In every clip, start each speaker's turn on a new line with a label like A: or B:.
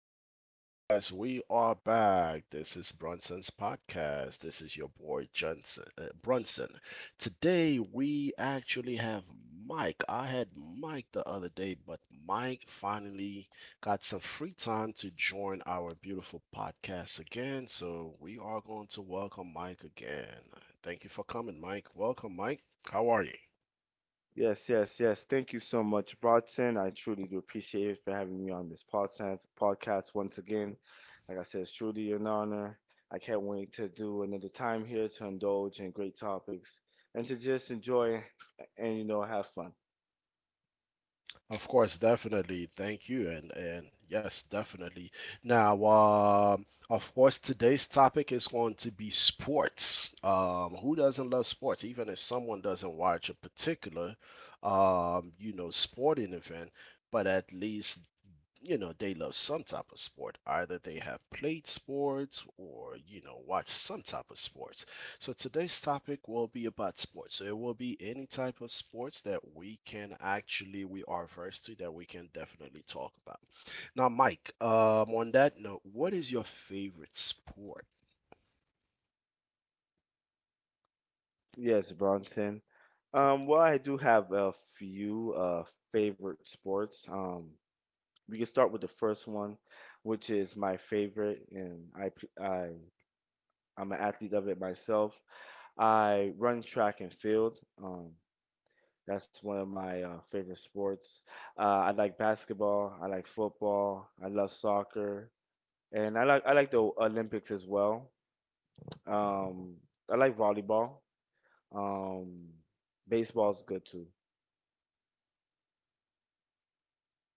A: hello, guys. We are back. This is Brunson's podcast. This is your boy Johnson, Brunson. Today we actually have Mike. I had Mike the other day, but Mike finally got some free time to join our beautiful podcast again. So we are going to welcome Mike again. Thank you for coming, Mike. Welcome, Mike. How are you?
B: Yes, yes, yes. Thank you so much, Brodson. I truly do appreciate it for having me on this podcast once again. Like I said, it's truly an honor. I can't wait to do another time here to indulge in great topics and to just enjoy and have fun.
A: Of course, definitely. Thank you. And yes, definitely. Now, of course, today's topic is going to be sports. Who doesn't love sports? Even if someone doesn't watch a particular, you know, sporting event, but at least you know, they love some type of sport. Either they have played sports or, you know, watched some type of sports. So today's topic will be about sports. So it will be any type of sports that we can actually, we are versed to that we can definitely talk about. Now, Mike, on that note, what is your favorite sport?
B: Yes, Bronson. Well, I do have a few favorite sports. We can start with the first one, which is my favorite, and I p- I I'm an athlete of it myself. I run track and field. Um, that's one of my favorite sports. I like basketball. I like football. I love soccer, and I like the Olympics as well. Um, I like volleyball. Um, Baseball's good too.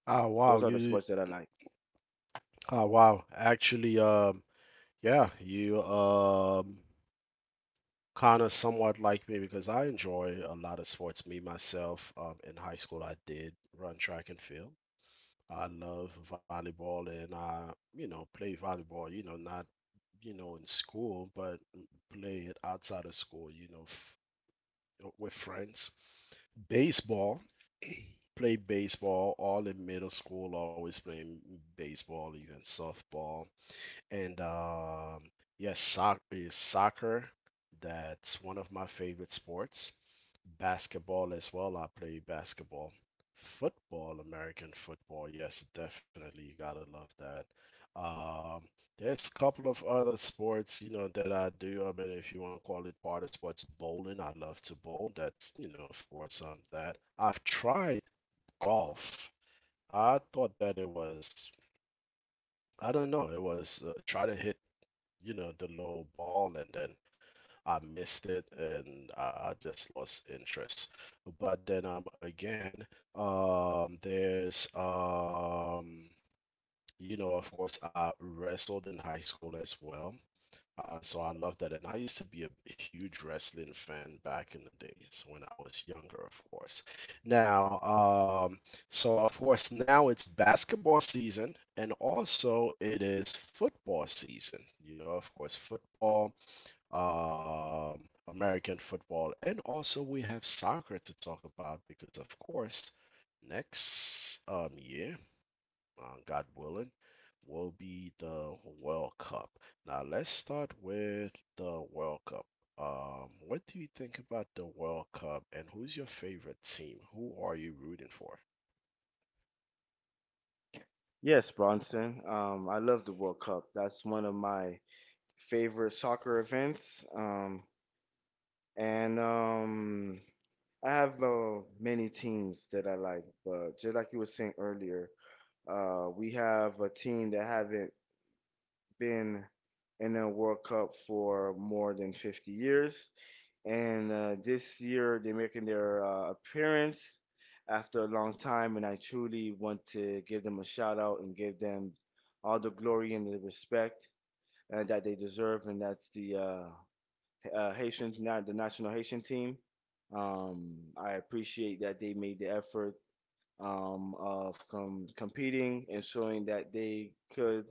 A: Ah,
B: Those
A: wow,
B: are the
A: you,
B: sports that I like.
A: ah, wow, actually, yeah, you, kind of somewhat like me because I enjoy a lot of sports. Me myself, in high school, I did run track and field. I love volleyball, and I, you know, play volleyball. You know, not you know in school, but play it outside of school. You know, with friends. Baseball, played baseball all in middle school. Always playing baseball, even softball. And yes, is soccer. That's one of my favorite sports. Basketball as well. I play basketball. Football, American football. Yes, definitely. You gotta love that. Um, there's a couple of other sports, you know, that I do. I mean, if you want to call it part of sports, bowling. I love to bowl. That's, you know, of course, that. I've tried golf. I thought that it was, I don't know, it was try to hit you know, the low ball, and then I missed it, and I just lost interest. But then again, there's you know, of course, I wrestled in high school as well. So I love that, and I used to be a huge wrestling fan back in the days when I was younger, of course. Now, um, so of course, now it's basketball season, and also it is football season. You know, of course, football American football, and also we have soccer to talk about because, of course, next year, God willing, will be the World Cup. Now, let's start with the World Cup. What do you think about the World Cup, and who's your favorite team? Who are you rooting for?
B: Yes, Bronson. I love the World Cup. That's one of my favorite soccer events. And I have many teams that I like, but just like you were saying earlier, we have a team that haven't been in a World Cup for more than 50 years, and this year they're making their appearance after a long time, and I truly want to give them a shout out and give them all the glory and the respect that they deserve, and that's the Haitians, not the national Haitian team. I appreciate that they made the effort of competing and showing that they could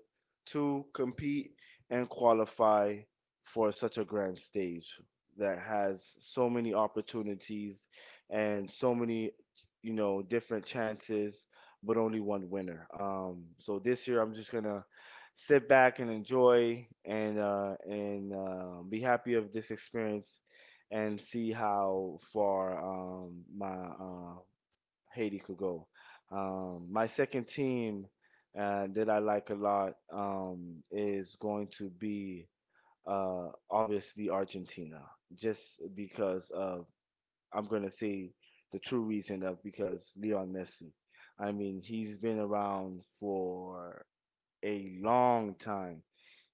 B: to compete and qualify for such a grand stage that has so many opportunities and so many different chances, but only one winner. Um, so this year I'm just gonna sit back and enjoy and be happy of this experience and see how far my Haiti could go. My second team that I like a lot is going to be obviously Argentina, just because of, I'm going to say, the true reason, of because Lionel Messi. I mean, he's been around for a long time.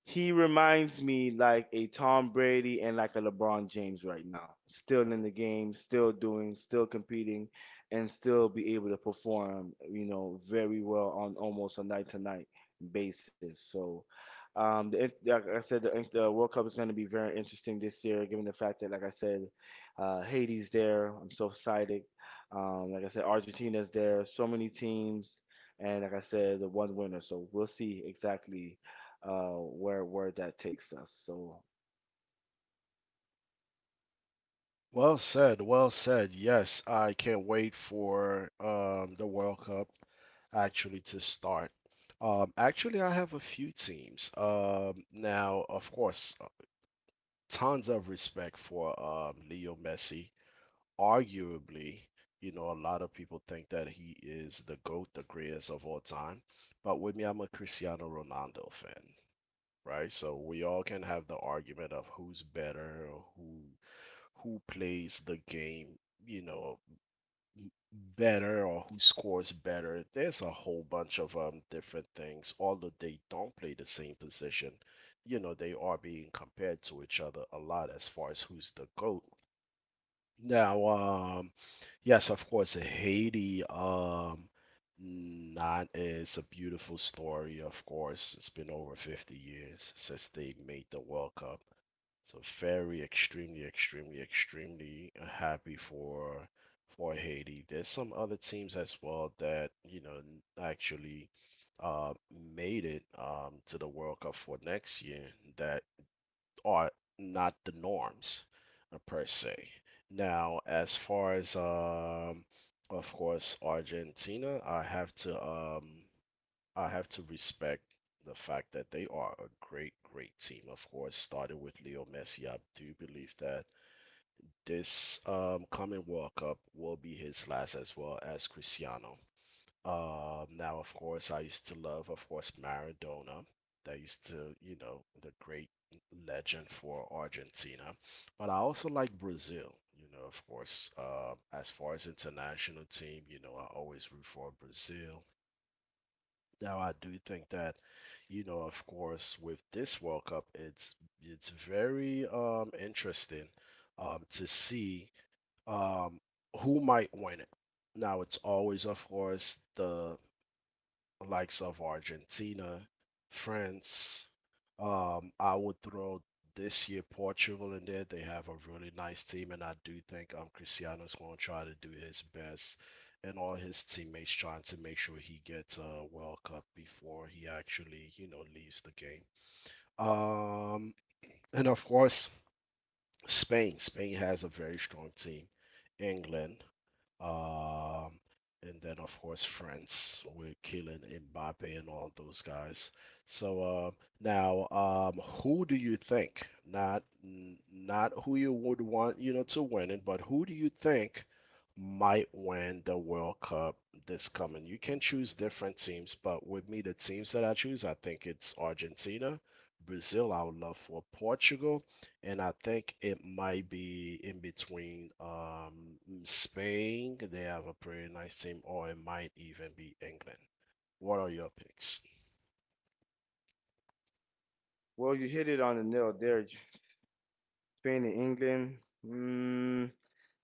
B: He reminds me like a Tom Brady and like a LeBron James right now. Still in the game, still doing, still competing, and still be able to perform, you know, very well on almost a night to night basis. So, like I said, the World Cup is going to be very interesting this year, given the fact that, like I said, Haiti's there. I'm so excited. Like I said, Argentina's there. So many teams, and like I said, the one winner. So we'll see exactly where that takes us. So,
A: Well said, well said. Yes, I can't wait for the World Cup actually to start. Actually, I have a few teams. Now, of course, tons of respect for Leo Messi. Arguably, you know, a lot of people think that he is the GOAT, the greatest of all time. But with me, I'm a Cristiano Ronaldo fan, right? So we all can have the argument of who's better, or who plays the game, you know, m- better or who scores better. There's a whole bunch of different things. Although they don't play the same position, you know, they are being compared to each other a lot as far as who's the GOAT. Now, yes, of course, Haiti, not is a beautiful story, of course. It's been over 50 years since they made the World Cup. So very extremely, extremely, extremely happy for Haiti. There's some other teams as well that, you know, actually uh made it to the World Cup for next year that are not the norms per se. Now, as far as of course Argentina, I have to respect the fact that they are a great, great team. Of course, started with Leo Messi, I do believe that this coming World Cup will be his last, as well as Cristiano. Now, of course, I used to love, of course, Maradona. That used to, you know, the great legend for Argentina. But I also like Brazil, you know, of course. As far as international team, you know, I always root for Brazil. Now I do think that, you know, of course, with this World Cup, it's very interesting to see um who might win it. Now it's always, of course, the likes of Argentina, France. I would throw this year Portugal in there. They have a really nice team, and I do think Cristiano is going to try to do his best, and all his teammates trying to make sure he gets a World Cup before he actually you know leaves the game. Um, and of course Spain. Spain has a very strong team. England. Um, and then of course France with Kylian Mbappe and all those guys. So uh, now, who do you think? Not who you would want, you know, to win it, but who do you think might win the World Cup this coming? You can choose different teams, but with me, the teams that I choose, I think it's Argentina, Brazil. I would love for Portugal, and I think it might be in between mm, Spain. They have a pretty nice team, or it might even be England. What are your picks?
B: well, you hit it on the nail there. Spain and England, mm,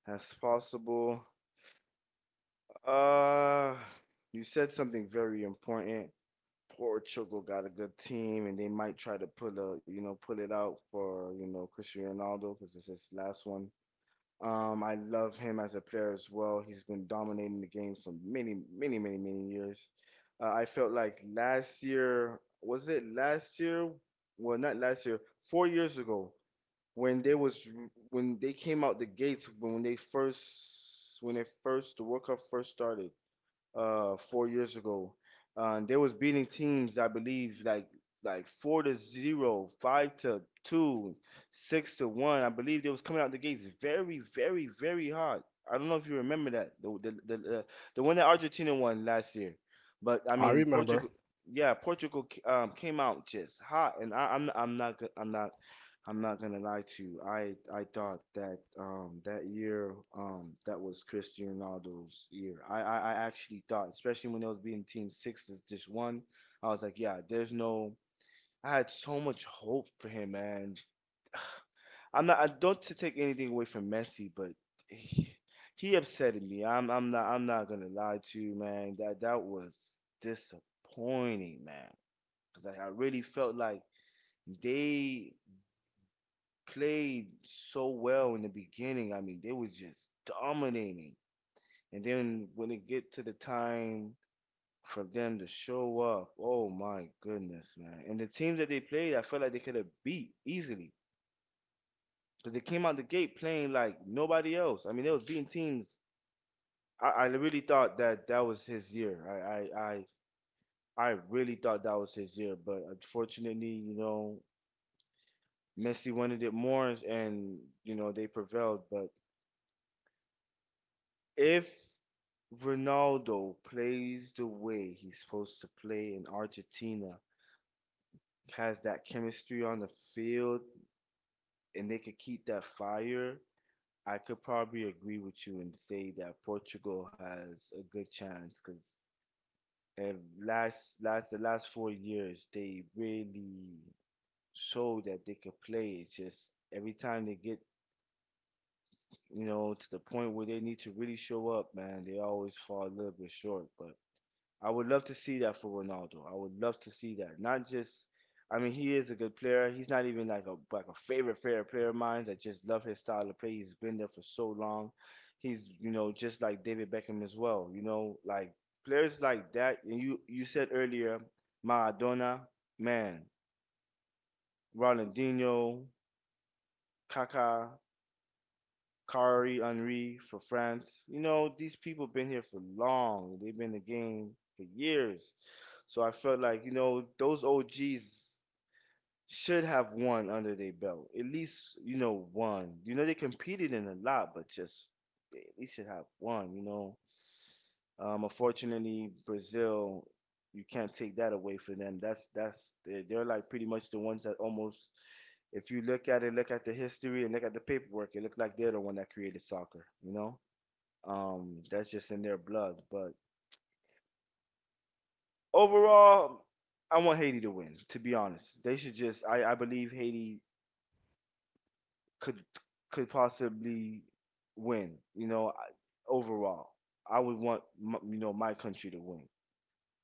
B: as possible. Uh, you said something very important. Portugal got a good team, and they might try to pull a, you know, pull it out for, you know, Cristiano Ronaldo because it's his last one. I love him as a player as well. He's been dominating the game for many, many, many, many years. I felt like last year, was it last year? Well, not last year, 4 years ago, when they was when they came out the gates when they first the World Cup first started, 4 years ago. They was beating teams, I believe, like four to zero, five to two, six to one. I believe they was coming out the gates very, very, very hot. I don't know if you remember that the one that Argentina won last year, but I
A: I
B: mean
A: remember.
B: Portugal. Yeah, Portugal came out just hot, and I'm not gonna lie to you. I thought that that year that was Cristiano Ronaldo's year. I actually thought, especially when they was beating Team Six to just one, I was like, yeah, there's no. I had so much hope for him, man. I'm not. I don't to take anything away from Messi, but he, he upsetted me. I'm not gonna lie to you, man. That was disappointing, man. Cause I really felt like they played so well in the beginning. I mean, they were just dominating. And then when it get to the time for them to show up, oh my goodness, man. And the team that they played, I felt like they could have beat easily. Because they came out the gate playing like nobody else. I mean, they was beating teams. I really thought that that was his year. I really thought that was his year. But unfortunately, you know, Messi wanted it more and, you know, they prevailed. But if Ronaldo plays the way he's supposed to play in Argentina, has that chemistry on the field, and they could keep that fire, I could probably agree with you and say that Portugal has a good chance because last 4 years they really showed that they could play. It's just every time they get to the point where they need to really show up, man, they always fall a little bit short. But I would love to see that for Ronaldo. I would love to see that. Not just, I mean, he is a good player. He's not even like a favorite player of mine. I just love his style of play. He's been there for so long. He's, you know, just like David Beckham as well. You know, like players like that. And you said earlier, Maradona, man, Ronaldinho, Kaká. Kari Henry for France. You know, these people been here for long. They've been in the game for years. So I felt like, you know, those OGs should have one under their belt. At least, you know, one. You know, they competed in a lot, but just they at least should have one, you know. Unfortunately, Brazil, you can't take that away from them. They're like pretty much the ones that almost, if you look at it, look at the history and look at the paperwork, it looked like they're the one that created soccer, you know? That's just in their blood. But overall, I want Haiti to win, to be honest. They should just, I believe Haiti could could possibly win, you know, overall. I would want, you know, my country to win.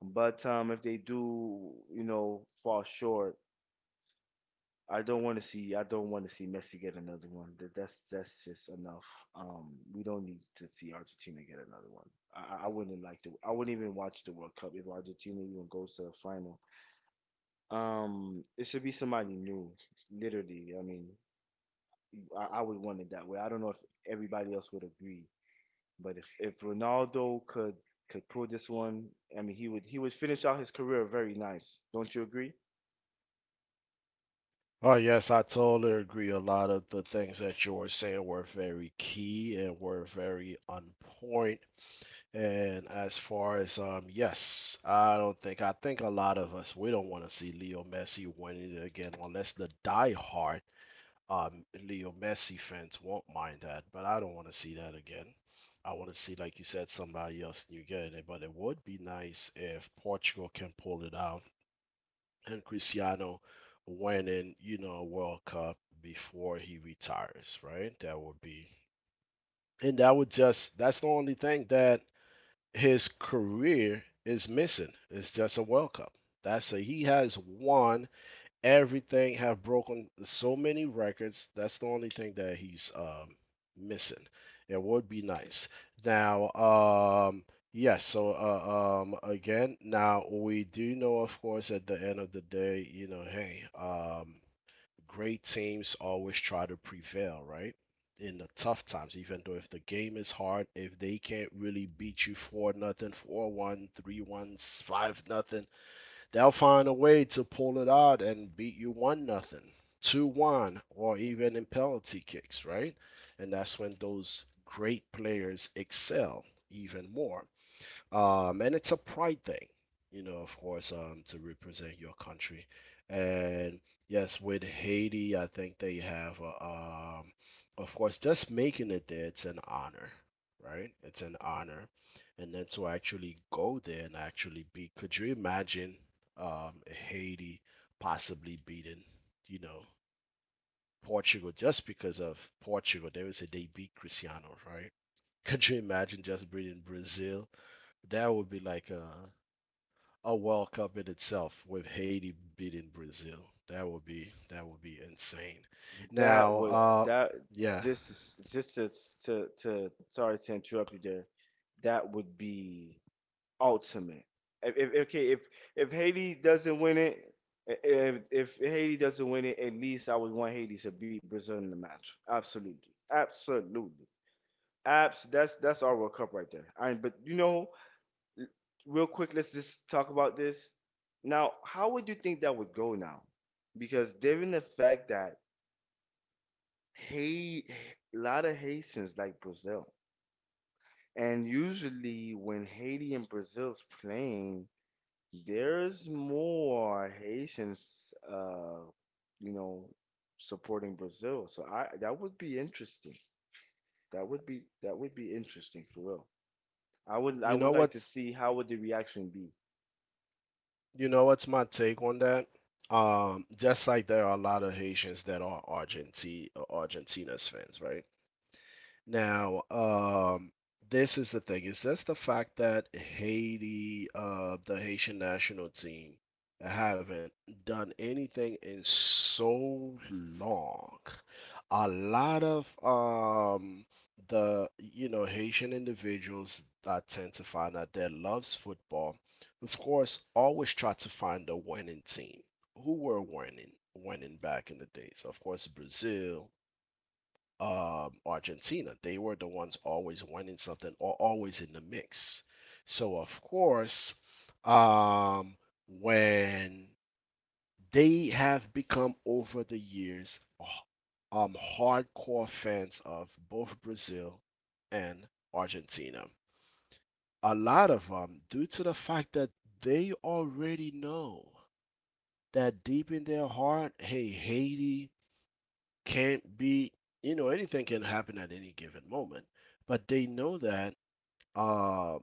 B: But if they do, you know, fall short, I don't want to see. I don't want to see Messi get another one. That's just enough. We don't need to see Argentina get another one. I wouldn't like to. I wouldn't even watch the World Cup if Argentina even goes to the final. It should be somebody new. Literally, I mean, I would want it that way. I don't know if everybody else would agree, but if Ronaldo could pull this one, I mean, he would finish out his career very nice. Don't you agree?
A: Oh yes, I totally agree. A lot of the things that you were saying were very key and were very on point. And as far as yes, I don't think I think a lot of us we don't want to see Leo Messi winning it again unless the diehard Leo Messi fans won't mind that, but I don't want to see that again. I want to see, like you said, somebody else new get it. But it would be nice if Portugal can pull it out and Cristiano winning, you know, a World Cup before he retires, right? That would be, and that would just, that's the only thing that his career is missing. It's just a World Cup. That's a, he has won everything have broken so many records. That's the only thing that he's missing. It would be nice. Now, yes. So again, now we do know, of course, at the end of the day, you know, hey, great teams always try to prevail, right? In the tough times, even though if the game is hard, if they can't really beat you four nothing, 4-1, 3-1, five nothing. They'll find a way to pull it out and beat you one nothing, 2-1, or even in penalty kicks, right? And that's when those great players excel even more and it's a pride thing, you know, of course, to represent your country. And yes, with Haiti, I think they have, um, of course, just making it there, it's an honor, right? It's an honor, and then to actually go there and actually beat. Could you imagine, Haiti possibly beating, you know, Portugal just because of Portugal? They would say they beat Cristiano, right? Could you imagine just beating Brazil? That would be like a World Cup in itself with Haiti beating Brazil. That would be insane.
B: That
A: Now,
B: would, that,
A: yeah,
B: just s- just to s- to, sorry to interrupt you there. That would be ultimate. If okay, if Haiti doesn't win it, if Haiti doesn't win it, at least I would want Haiti to beat Brazil in the match. Absolutely, absolutely, abs. That's our World Cup right there. I But you know, real quick, let's just talk about this. Now, how would you think that would go now? Because given the fact that, hey, a lot of Haitians like Brazil. And usually when Haiti and Brazil's playing, there's more Haitians you know, supporting Brazil. So I that would be interesting. That would be interesting for real. I
A: you know
B: would like to
A: what's
B: see how would the reaction be.
A: you know what's my take on that? Just like there are a lot of Haitians that are Argentine Argentina's fans, right? Now, this is the thing, is that's the fact that Haiti, the Haitian national team haven't done anything in so long. A lot of the you know Haitian individuals that tend to find out that loves football, of course, always try to find a winning team. Who were winning? Winning back in the days. Of course, Brazil, Argentina. They were the ones always winning something or always in the mix. So of course, um, when they have become over the years hardcore fans of both Brazil and Argentina, a lot of them, due to the fact that they already know that deep in their heart, hey, Haiti can't be you know anything can happen at any given moment but they know that uh,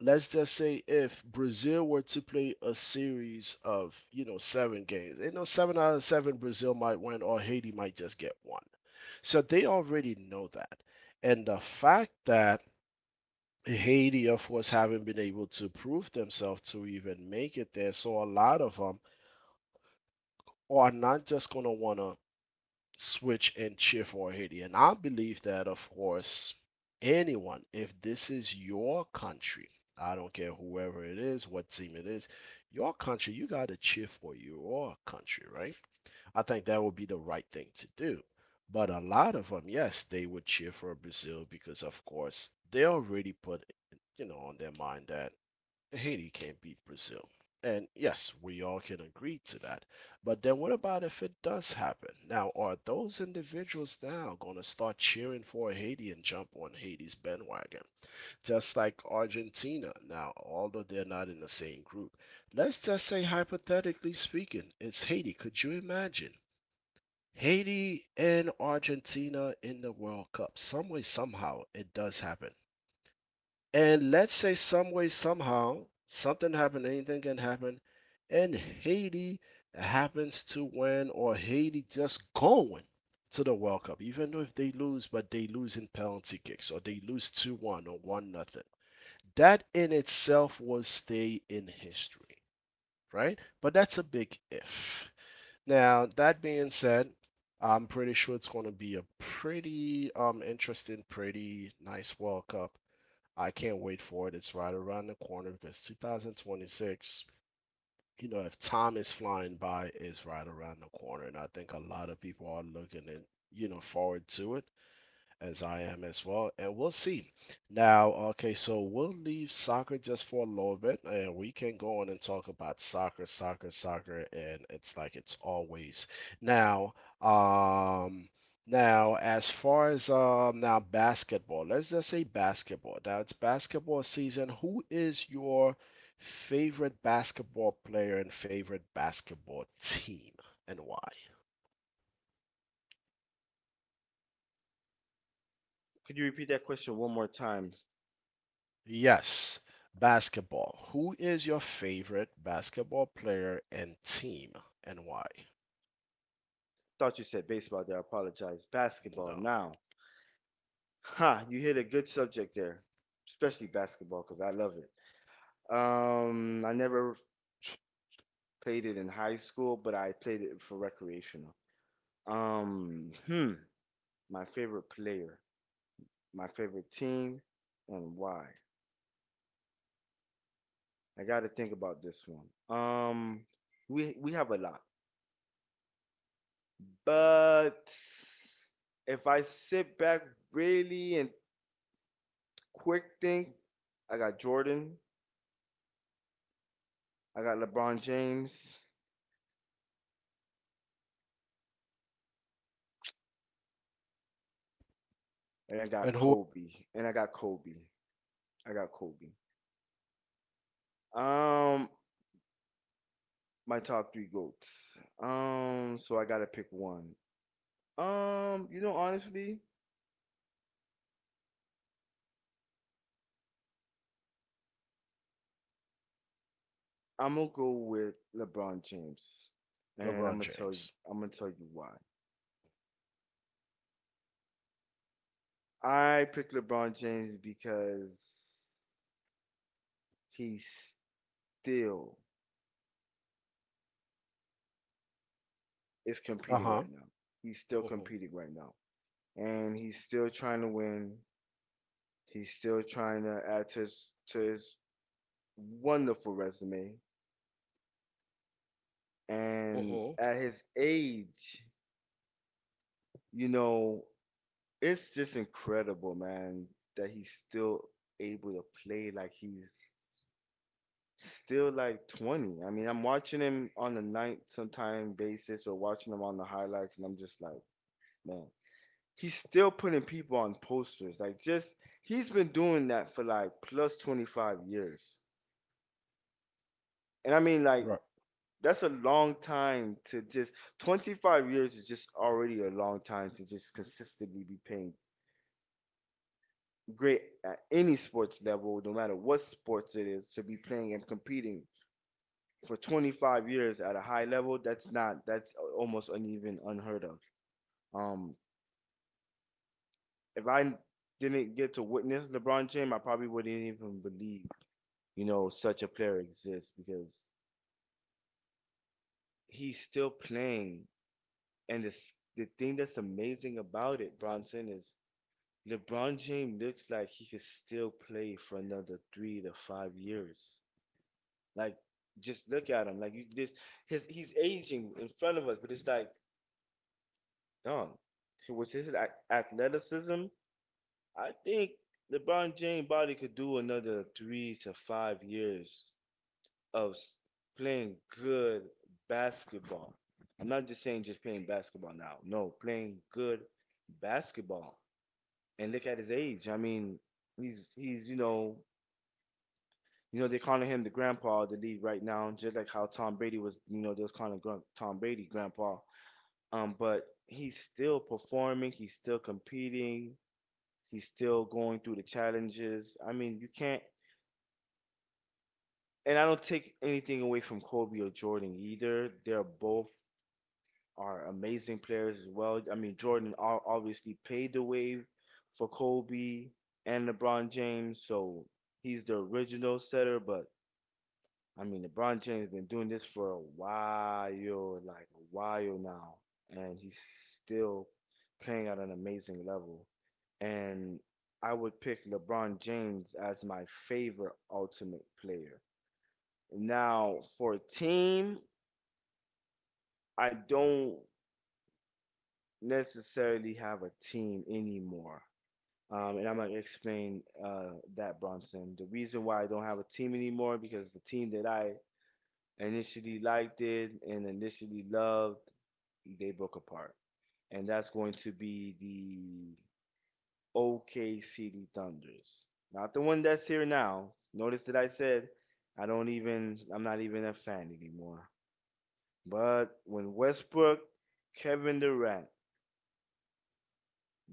A: let's just say if brazil were to play a series of you know 7 games you know 7 out of 7 brazil might win or haiti might just get one so they already know that and the fact that haiti of course haven't been able to prove themselves to even make it there so a lot of them are not just going to want to switch and cheer for Haiti. And I believe that, of course, anyone, if this is your country, I don't care whoever it is, what team it is, your country, you got to cheer for your country, right? I think that would be the right thing to do. But a lot of them, yes, they would cheer for Brazil because, of course, they already put, on their mind that Haiti can't beat Brazil. And yes, we all can agree to that. But then what about if it does happen? Now, are those individuals now going to start cheering for Haiti and jump on Haiti's bandwagon? Just like Argentina. Now, although they're not in the same group, let's just say, hypothetically speaking, it's Haiti. Could you imagine? Haiti and Argentina in the World Cup. Some way, somehow, it does happen. And let's say some way, somehow, something happened, anything can happen, and Haiti happens to win, or Haiti just going to the World Cup, even though if they lose, but they lose in penalty kicks, or they lose 2-1 or one nothing. That in itself will stay in history, right? But that's a big if. Now, that being said, I'm pretty sure it's going to be a pretty interesting, pretty nice World Cup. I can't wait for it. It's right around the corner because 2026, you know, if time is flying by, it's right around the corner. And I think a lot of people are looking in, forward to it as I am as well, and we'll see. Now, okay, so we'll leave soccer just for a little bit, and we can go on and talk about soccer, soccer, soccer, and it's like it's always. Now, um, now as far as now basketball, let's just say basketball. Now it's basketball season. Who is your favorite basketball player and favorite basketball team, and why?
B: Could you repeat that question one more time?
A: Yes, basketball. Who is your favorite basketball player and team and why?
B: Thought you said baseball there. I apologize. Basketball
A: No.
B: now. Ha, you hit a good subject there, especially basketball because I love it. I never tr- played it in high school, but I played it for recreational. Hmm, my favorite player, my favorite team, and why? I got to think about this one. Um, we have a lot, but if I sit back really and quick think, I got Jordan, I got LeBron James, and I got
A: And who?
B: Kobe, and I got Kobe, I got Kobe. Um, My top three goats. So I gotta pick one. You know, honestly, I'm gonna go with LeBron James, and
A: LeBron James.
B: I'm gonna tell you why. I picked LeBron James because he still is competing right
A: Uh-huh.
B: now. He's still
A: Mm-hmm.
B: competing right now, and he's still trying to win. He's still trying to add to his wonderful resume. And
A: Mm-hmm.
B: at his age, you know, it's just incredible, man, that he's still able to play like he's still like 20. I mean, I'm watching him on the night sometime basis or watching him on the highlights, and I'm just like, man, he's still putting people on posters. Like, just he's been doing that for like plus 25 years. And I mean, like,
A: Right.
B: that's a long time to just, 25 years is just already a long time to just consistently be paying great at any sports level, no matter what sports it is, to be playing and competing for 25 years at a high level. That's not, that's almost uneven unheard of. Um, if I didn't get to witness LeBron James, I probably wouldn't even believe such a player exists because he's still playing. And the thing that's amazing about it, Bronson, is LeBron James looks like he could still play for another 3 to 5 years. Like, just look at him. Like, you this his he's aging in front of us, but it's like, Don, was his athleticism? I think LeBron James body could do another 3 to 5 years of playing good basketball. I'm not just saying just playing basketball now. No, playing good basketball. And look at his age. I mean, he's. You know, they're calling him the grandpa of the league right now, just like how Tom Brady was, they was calling Tom Brady grandpa. But he's still performing, he's still competing, he's still going through the challenges. I mean, you can't, and I don't take anything away from Kobe or Jordan either. They're both are amazing players as well. I mean, Jordan obviously paved the way for Kobe and LeBron James, so he's the original setter, but I mean, LeBron James been doing this for a while, like a while now, and he's still playing at an amazing level. And I would pick LeBron James as my favorite ultimate player. Now, for a team, I don't necessarily have a team anymore. And I'm gonna explain that, Bronson. The reason why I don't have a team anymore because the team that I initially liked it and initially loved. They broke apart. And that's going to be the OKC Thunders. Not the one that's here now. Notice that I said I don't even, I'm not even a fan anymore. But when Westbrook, Kevin Durant,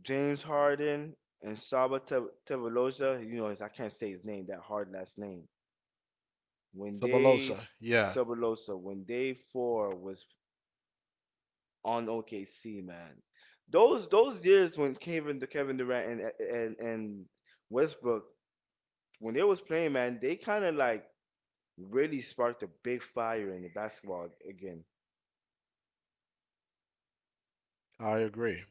B: James Harden, and Saba Tevelosa, I can't say his name, that hard last name. When they,
A: Sabalosa. Yeah,
B: Sabalosa, when day four was on OKC, man. Those years when Kevin Durant and Westbrook when they was playing, man, they kind of like really sparked a big fire in the basketball again.
A: I agree.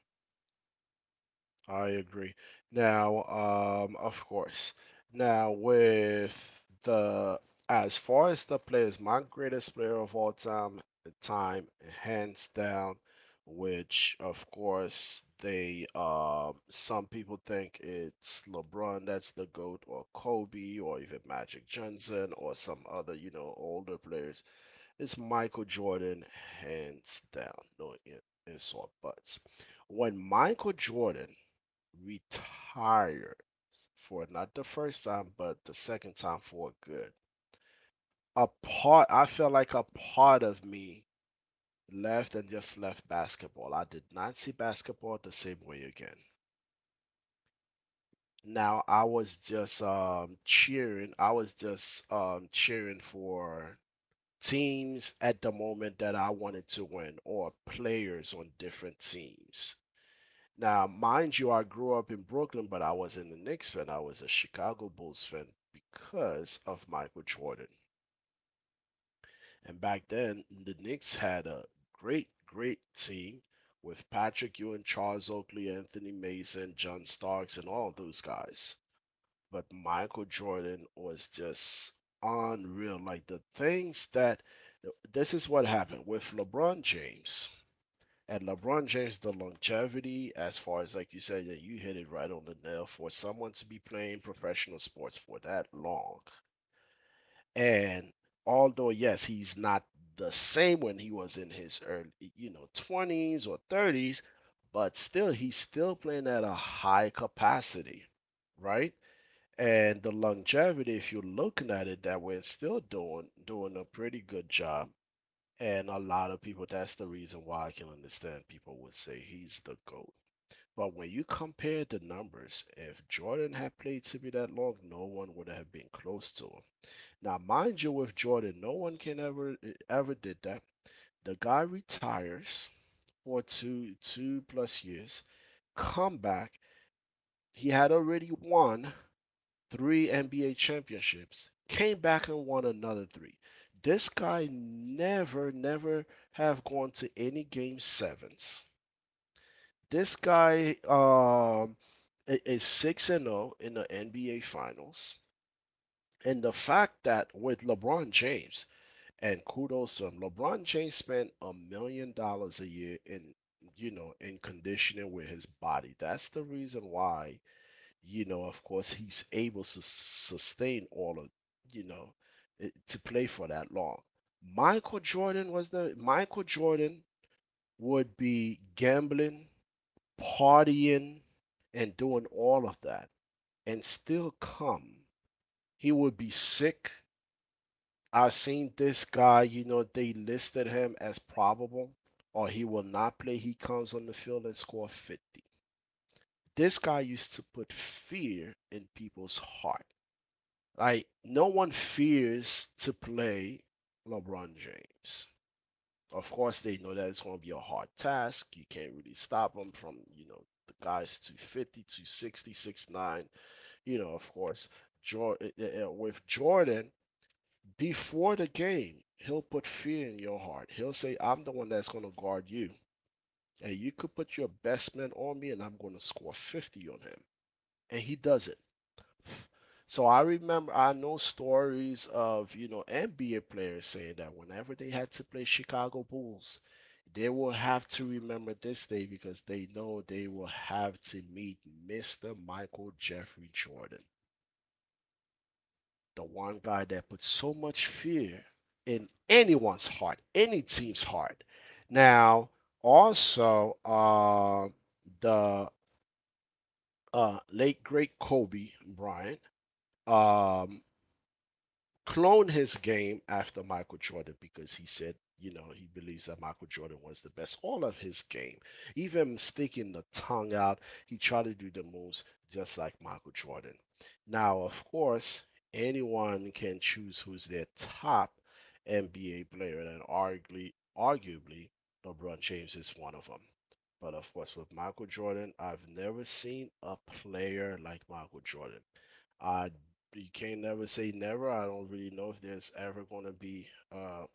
A: I agree. Now, of course. Now, with the as far as the players, my greatest player of all time, time hands down, which of course they some people think it's LeBron that's the GOAT or Kobe or even Magic Johnson or some other, you know, older players. It's Michael Jordan hands down. No, it's all buts. When Michael Jordan retired for not the first time, but the second time for good. A part, I felt like a part of me left and just left basketball. I did not see basketball the same way again. Now I was just cheering. I was just cheering for teams at the moment that I wanted to win or players on different teams. Now, mind you, I grew up in Brooklyn, but I wasn't a Knicks fan. I was a Chicago Bulls fan because of Michael Jordan. And back then, the Knicks had a great, great team with Patrick Ewing, Charles Oakley, Anthony Mason, John Starks, and all those guys. But Michael Jordan was just unreal. Like the things that this is what happened with LeBron James. And LeBron James, the longevity, as far as like you said, yeah, you hit it right on the nail for someone to be playing professional sports for that long. And although, yes, he's not the same when he was in his early, you know, 20s or 30s, but still, he's still playing at a high capacity, right? And the longevity, if you're looking at it that way, it's still doing a pretty good job and a lot of people, that's the reason why I can understand people would say he's the GOAT. But when you compare the numbers, if Jordan had played CB that long, no one would have been close to him. Now, mind you, with Jordan, no one can ever ever did that. The guy retires for two plus years, come back. He had already won three NBA championships, came back and won another three. This guy never, never have gone to any game sevens. This guy is six and zero in the NBA Finals, and the fact that with LeBron James and kudos to him, LeBron James spent $1 million a year in in conditioning with his body. That's the reason why of course, he's able to sustain all of, you know, to play for that long. Michael Jordan was the Michael Jordan would be gambling, partying, and doing all of that, and still come. He would be sick. I've seen this guy, you know, they listed him as probable, or he will not play. He comes on the field and score 50. This guy used to put fear in people's heart. Like no one fears to play LeBron James. Of course, they know that it's going to be a hard task. You can't really stop him from, you know, the guys 250, 260, 69. You know, of course, with Jordan, before the game, he'll put fear in your heart. He'll say, I'm the one that's going to guard you. And you could put your best man on me, and I'm going to score 50 on him. And he does it. So I remember I know stories of, you know, NBA players saying that whenever they had to play Chicago Bulls, they will have to remember this day because they know they will have to meet Mr. Michael Jeffrey Jordan, the one guy that put so much fear in anyone's heart, any team's heart. Now, also, the late great Kobe Bryant. Um, clone his game after Michael Jordan because he said, you know, he believes that Michael Jordan was the best. All of his game, even sticking the tongue out, he tried to do the moves just like Michael Jordan. Now, of course, anyone can choose who's their top NBA player, and arguably, arguably, LeBron James is one of them. But of course, with Michael Jordan, I've never seen a player like Michael Jordan. I you can't never say never. I don't really know if there's ever going to be, uh,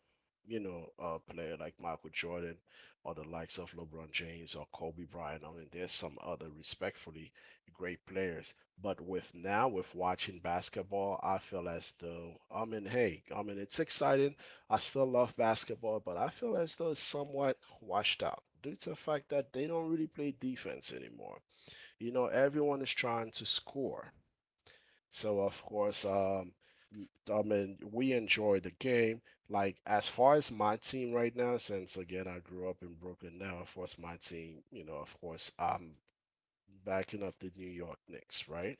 A: you know, a player like Michael Jordan or the likes of LeBron James or Kobe Bryant. I mean, there's some other respectfully great players, but with now with watching basketball, I feel as though I mean, hey, I mean, it's exciting. I still love basketball, but I feel as though it's somewhat washed out due to the fact that they don't really play defense anymore. You know, everyone is trying to score. So of course, I mean, we enjoy the game. Like as far as my team right now, since again I grew up in Brooklyn now, of course my team, you know, of course I'm backing up the New York Knicks, right?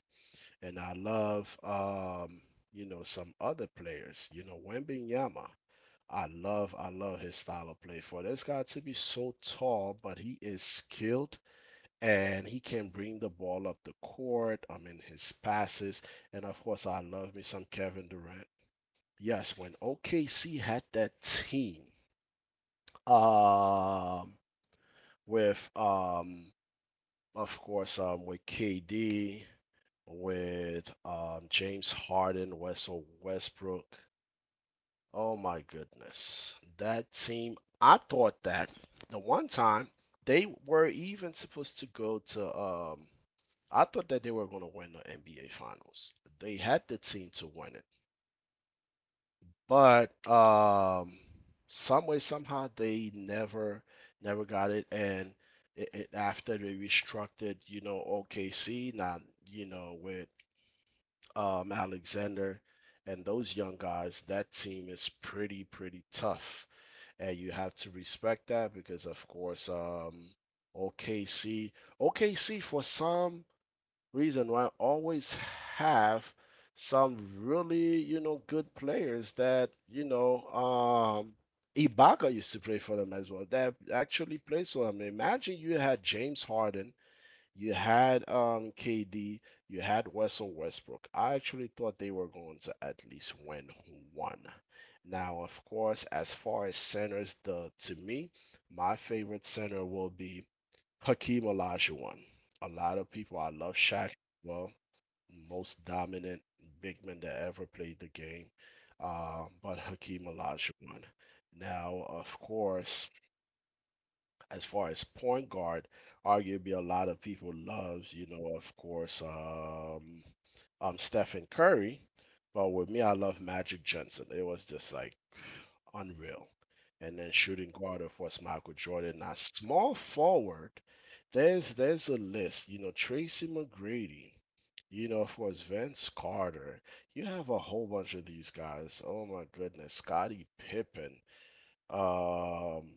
A: And I love you know, some other players, you know, Wembenyama. I love his style of play for this guy to be so tall, but he is skilled and he can bring the ball up the court. I mean his passes. And of course I love me some Kevin Durant. Yes, when OKC had that team, um, with of course, with KD, with James Harden, Russell Westbrook. Oh my goodness, that team! I thought that the one time they were even supposed to go to I thought that they were going to win the NBA Finals. They had the team to win it. But some way, somehow, they never got it. And after they restructured, you know, OKC, now, you know, with Alexander and those young guys, that team is pretty, pretty tough. And you have to respect that because, of course, OKC, OKC for some reason why always have some really, you know, good players that, you know, Ibaka used to play for them as well. That actually plays for them. Imagine you had James Harden, you had KD, you had Russell Westbrook. I actually thought they were going to at least win one. Now, of course, as far as centers, the to me, my favorite center will be Hakeem Olajuwon. A lot of people, I love Shaq. Well, most dominant big man that ever played the game. But Hakeem Olajuwon. Now, of course, as far as point guard, arguably a lot of people loves, you know, of course, Stephen Curry. But with me, I love Magic Johnson. It was just like unreal. And then shooting guard, of course, Michael Jordan. Now, small forward, there's a list. You know, Tracy McGrady. You know, of course, Vince Carter. You have a whole bunch of these guys. Oh my goodness, Scottie Pippen. Um,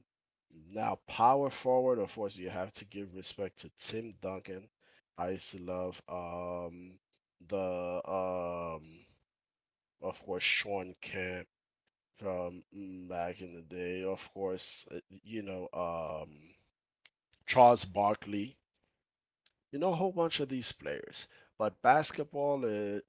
A: now, power forward, unfortunately, you have to give respect to Tim Duncan. I used to love the, um, of course, Sean Kemp from back in the day. Of course, Charles Barkley you know a whole bunch of these players, but basketball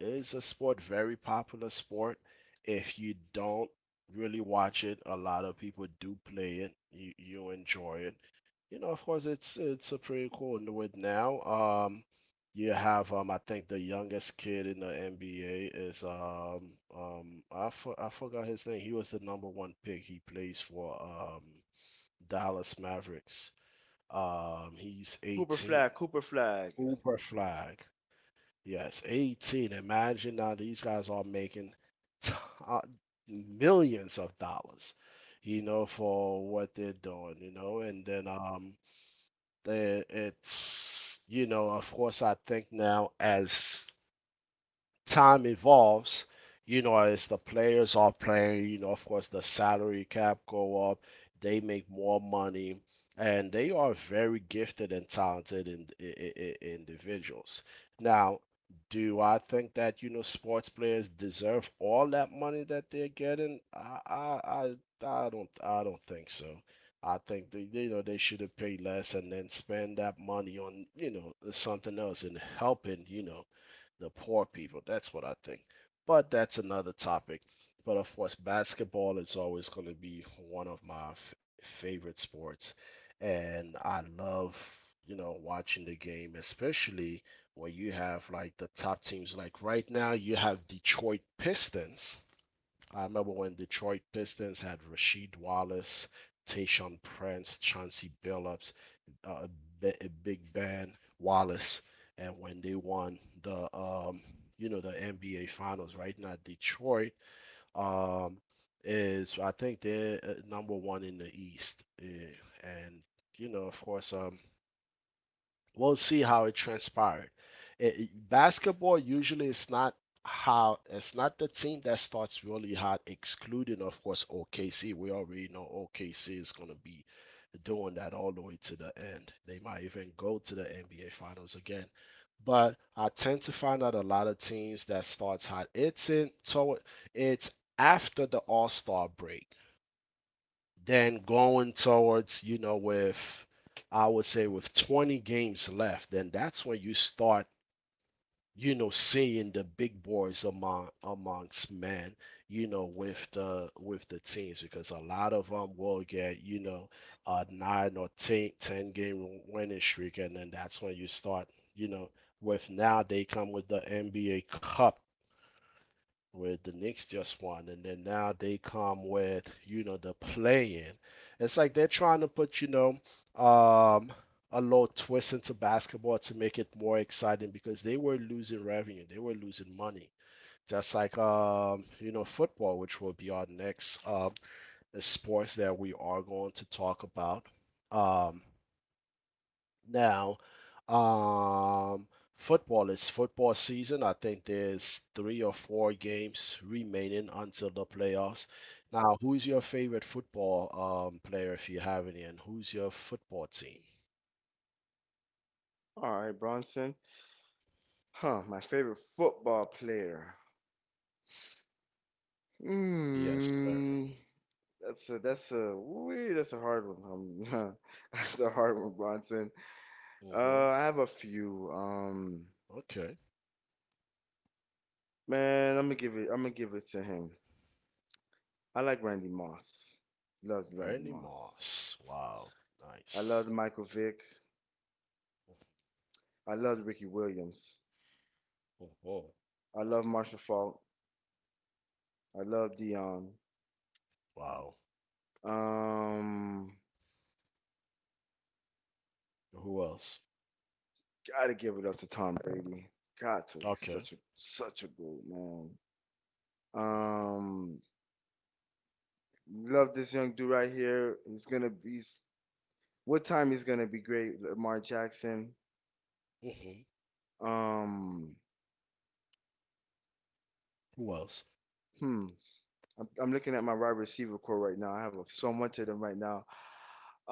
A: is a sport, very popular sport. If you don't really watch it, a lot of people do play it. You enjoy it. You know, of course, it's a pretty cool And with now. You have I think the youngest kid in the NBA is I forgot his name. He was the number one pick. He plays for Dallas Mavericks. He's
B: Cooper Flag,
A: 18.
B: Cooper Flag.
A: Uber flag. Yes, 18. Imagine now these guys are making t- uh, millions of dollars, you know, for what they're doing, you know, and then they, it's, you know, of course, I think now as time evolves, you know, as the players are playing, you know, of course the salary cap go up, they make more money, and they are very gifted and talented in individuals. Now, do I think that you know sports players deserve all that money that they're getting? I don't think so. I think you know they should have paid less and then spend that money on you know something else and helping you know the poor people. That's what I think. But that's another topic. But of course, basketball is always going to be one of my favorite sports. And I love, you know, watching the game, especially when you have like the top teams. Like right now, you have Detroit Pistons. I remember when Detroit Pistons had Rasheed Wallace, Tayshaun Prince, Chauncey Billups, uh, Big Ben Wallace, and when they won the you know the NBA Finals, right? Now Detroit um, is I think they're number one in the East, and you know of course we'll see how it transpired. Basketball usually is not how it's not the team that starts really hot, excluding of course OKC. We already know OKC is gonna be doing that all the way to the end. They might even go to the NBA Finals again. But I tend to find out a lot of teams that starts hot. It's in so it's After the All Star break. Then going towards, you know, with I would say with 20 games left, then that's when you start, you know, seeing the big boys amongst men, you know, with the teams because a lot of them will get, you know, a nine or ten game winning streak, and then that's when you start, you know, with now they come with the NBA Cup with the Knicks just won, and then now they come with you know the play-in. It's like they're trying to put you know um, a little twist into basketball to make it more exciting because they were losing revenue, they were losing money. Just like you know football, which will be our next sports that we are going to talk about. Um, now, um, football is football season. I think there's three or four games remaining until the playoffs. Now, who's your favorite football player if you have any, and who's your football team?
B: All right, Bronson. Huh, my favorite football player.
A: Yes, sir.
B: Hmm. That's a hard one. That's a hard one, Bronson.
A: Hmm.
B: I have a few.
A: Okay.
B: Man, I'm gonna give it. I'm gonna give it to him. I like Randy Moss. Loves Randy
A: Randy
B: Moss.
A: Moss. Wow.
B: I loved
A: Nice.
B: Michael Vick. I loved Ricky Williams.
A: Mhm.
B: I love Marshall Faulk. I love Dion.
A: Wow.
B: Um,
A: Who else?
B: Gotta give it up to Tom Brady. God, too, he's
A: Okay.
B: such a good man.
A: Hmm.
B: Um, Love this young dude right here. He's gonna be. What time he's gonna be great? Lamar Jackson.
A: Hmm.
B: Um,
A: Who else?
B: hmm. I'm looking at my wide receiver core right now. I have so much of them right now.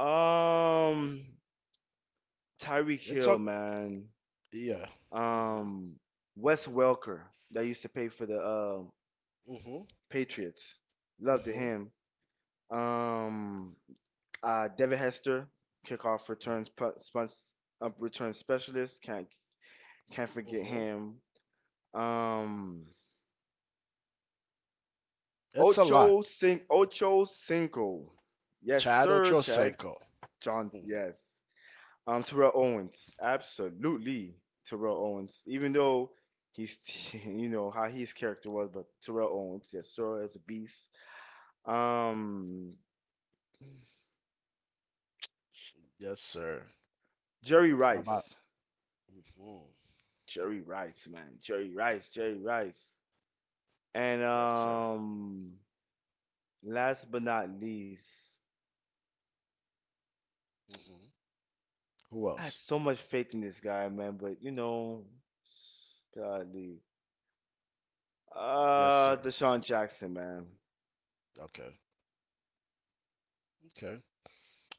B: Um, Tyreek
A: It's
B: Hill,
A: a
B: man.
A: Yeah. Hmm.
B: Um, Wes Welker that used to pay for the
A: Hmm.
B: Patriots. Loved
A: Hmm.
B: him. Um, Devin Hester, kickoff returns return specialist. Can't forget
A: Hmm.
B: him. Um,
A: It's a lot.
B: Ocho Cinco. Yes,
A: Chad
B: sir. Chad
A: Ochocinco.
B: John.
A: Mhm.
B: Yes. Terrell Owens, absolutely Terrell Owens. Even though he's, you know, how his character was, but Terrell Owens, yes, sir, as a beast. Um,
A: Yes, sir.
B: Jerry
A: About.
B: Rice,
A: Hmm.
B: Jerry Rice, man, Jerry Rice, Jerry Rice, and
A: Yes, sir.
B: last but not least,
A: Hmm. Who
B: I had
A: else?
B: so much faith in this guy, man, but golly,
A: Yes, sir.
B: Deshaun Jackson, man,
A: Okay. Okay.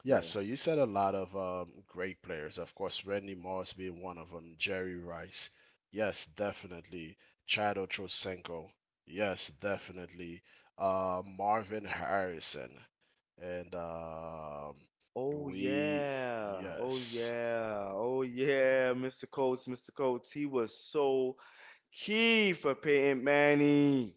A: Yeah,
B: yeah.
A: so you said a lot of great players. Of course, Randy Moss being one of them, Jerry Rice. Yes, definitely. Chad Ochocinco. Yes, definitely. Marvin Harrison. And
B: Oh
A: we,
B: yeah. Oh
A: yes,
B: yeah. Oh yeah, Mr. Coates, Mr. Coates. He was so key for Peyton Manning.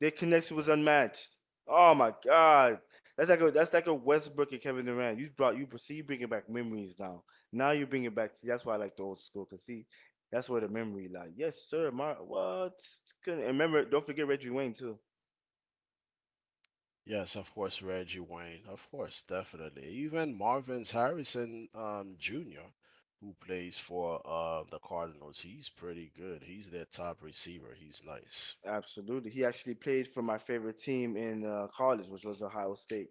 B: Their connection was
A: yes.
B: unmatched. Oh my God. That's like a Westbrook and Kevin Durant. You brought you see you bringing back memories now. Now you bring it back. See, that's why I like the old school. Cause see, that's where the memory lie. Yes, sir. My what? And remember, don't forget Reggie Wayne too.
A: Yes, of course, Reggie Wayne. Of course, definitely. Even Marvin's Harrison Jr., who plays for the Cardinals, he's pretty good. He's their top receiver. He's nice.
B: Absolutely. He actually played for my favorite team in college, which was Ohio State.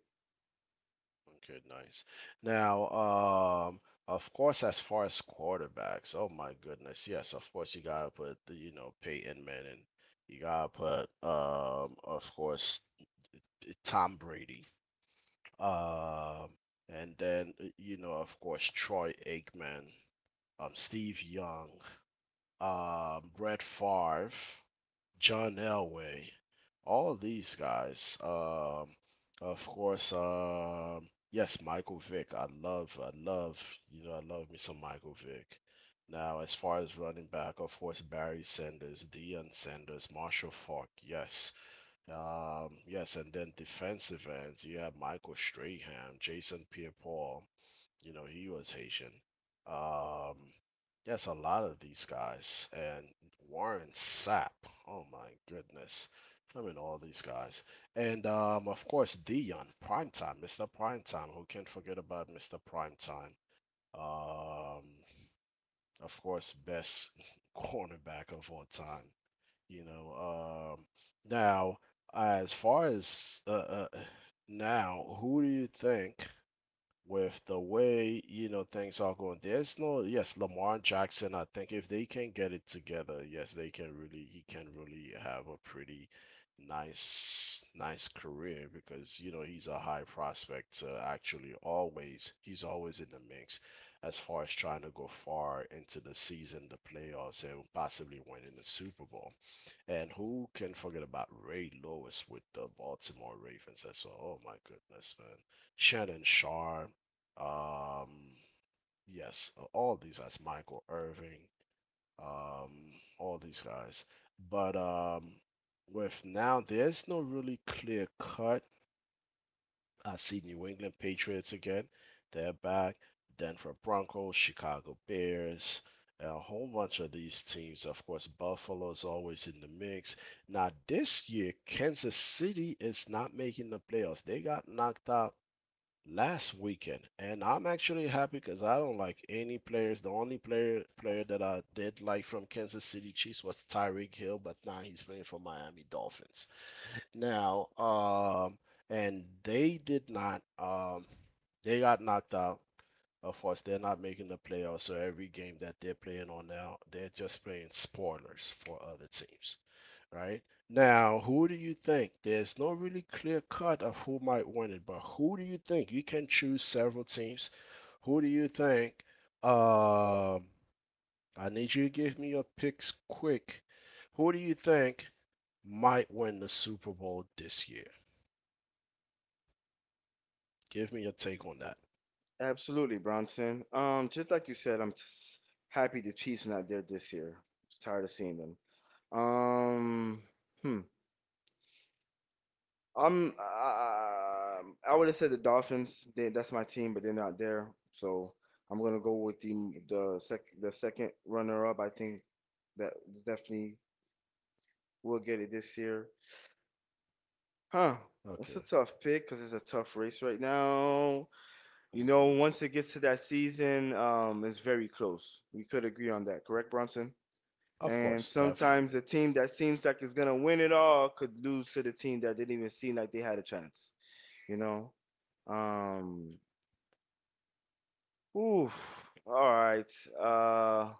A: Okay, nice. Now, um, of course, as far as quarterbacks, oh my goodness, yes, of course you gotta put, you know, Peyton Manning. You gotta put, of course, Tom Brady. Um, and then, you know, of course, Troy Aikman, Steve Young, Brett Favre, John Elway, all of these guys. Of course, yes, Michael Vick. I love, you know, I love me some Michael Vick. Now, as far as running back, of course, Barry Sanders, Deion Sanders, Marshall Faulk. Yes. Yes, and then defensive ends, you have Michael Strahan, Jason Pierre-Paul, you know, he was Haitian. Um, yes, a lot of these guys and Warren Sapp. Oh my goodness. I mean, all these guys. And of course, Dion, Primetime, Mr. Primetime. Who can forget about Mr. Primetime? Um, of course, best cornerback of all time. You know, now, as far as now, who do you think with the way you know things are going. There's no yes, Lamar Jackson. I think if they can get it together, yes, they can really he can really have a pretty nice career because you know he's a high prospect to actually always he's always in the mix as far as trying to go far into the season, the playoffs, and possibly winning the Super Bowl. And who can forget about Ray Lewis with the Baltimore Ravens as well? Oh my goodness, man. Shannon Sharp. Um, yes, all these guys. Michael Irving. Um, all these guys. But with now, there's no really clear cut. I see New England Patriots again. They're back. Denver Broncos, Chicago Bears, a whole bunch of these teams. Of course, Buffalo is always in the mix. Now, this year, Kansas City is not making the playoffs. They got knocked out last weekend. And I'm actually happy because I don't like any players. The only player that I did like from Kansas City Chiefs was Tyreek Hill, but now he's playing for Miami Dolphins now, and they did not. They got knocked out. Of course, they're not making the playoffs, so every game that they're playing on now, they're just playing spoilers for other teams, right? Now, who do you think? There's no really clear cut of who might win it, but who do you think? You can choose several teams. Who do you think? Um, I need you to give me your picks quick. Who do you think might win the Super Bowl this year? Give me your take on that.
B: Absolutely, Bronson. Just like you said, I'm s happy the Chiefs not there this year. Just tired of seeing them. Um, hmm. I'm. Uh, I would have said the Dolphins. That's my team, but they're not there. So I'm gonna go with the second runner up. I think that definitely will get it this year. Huh. That's a
A: Okay.
B: tough pick because it's a tough race right now. You know,
A: Mm-hmm.
B: once it gets to that season, it's very close. We could agree on that, correct, Bronson?
A: Of
B: And
A: course,
B: sometimes
A: definitely.
B: the team that seems like it's gonna win it all could lose to the team that didn't even seem like they had a chance. You know? Um, Oof. All right. Uh,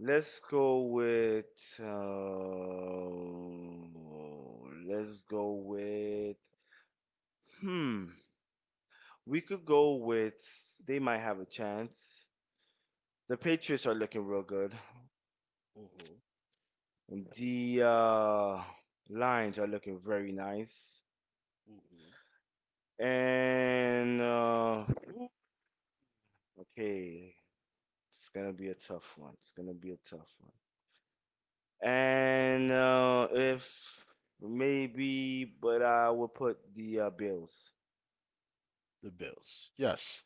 B: let's go with. Let's go with. Hmm. We could go with. They might have a chance. The Patriots are looking real good.
A: Mm-hmm.
B: The lines are looking very nice.
A: Mm-hmm.
B: And okay, it's gonna be a tough one. It's gonna be a tough one. And if maybe, but I will put the Bills.
A: The Bills. Yes.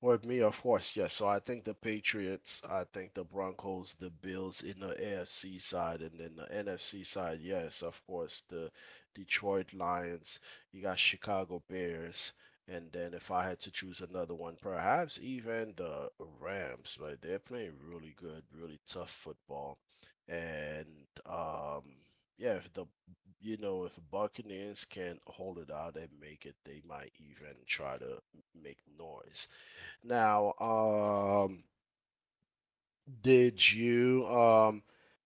A: With me, of course, yes. So I think the Patriots, I think the Broncos, the Bills in the AFC side, and then the NFC side, yes, of course, the Detroit Lions, you got Chicago Bears, and then if I had to choose another one, perhaps even the Rams. Like they're playing really good, really tough football. And yeah, if the you know, if Buccaneers can hold it out and make it, they might even try to make noise. Now, did you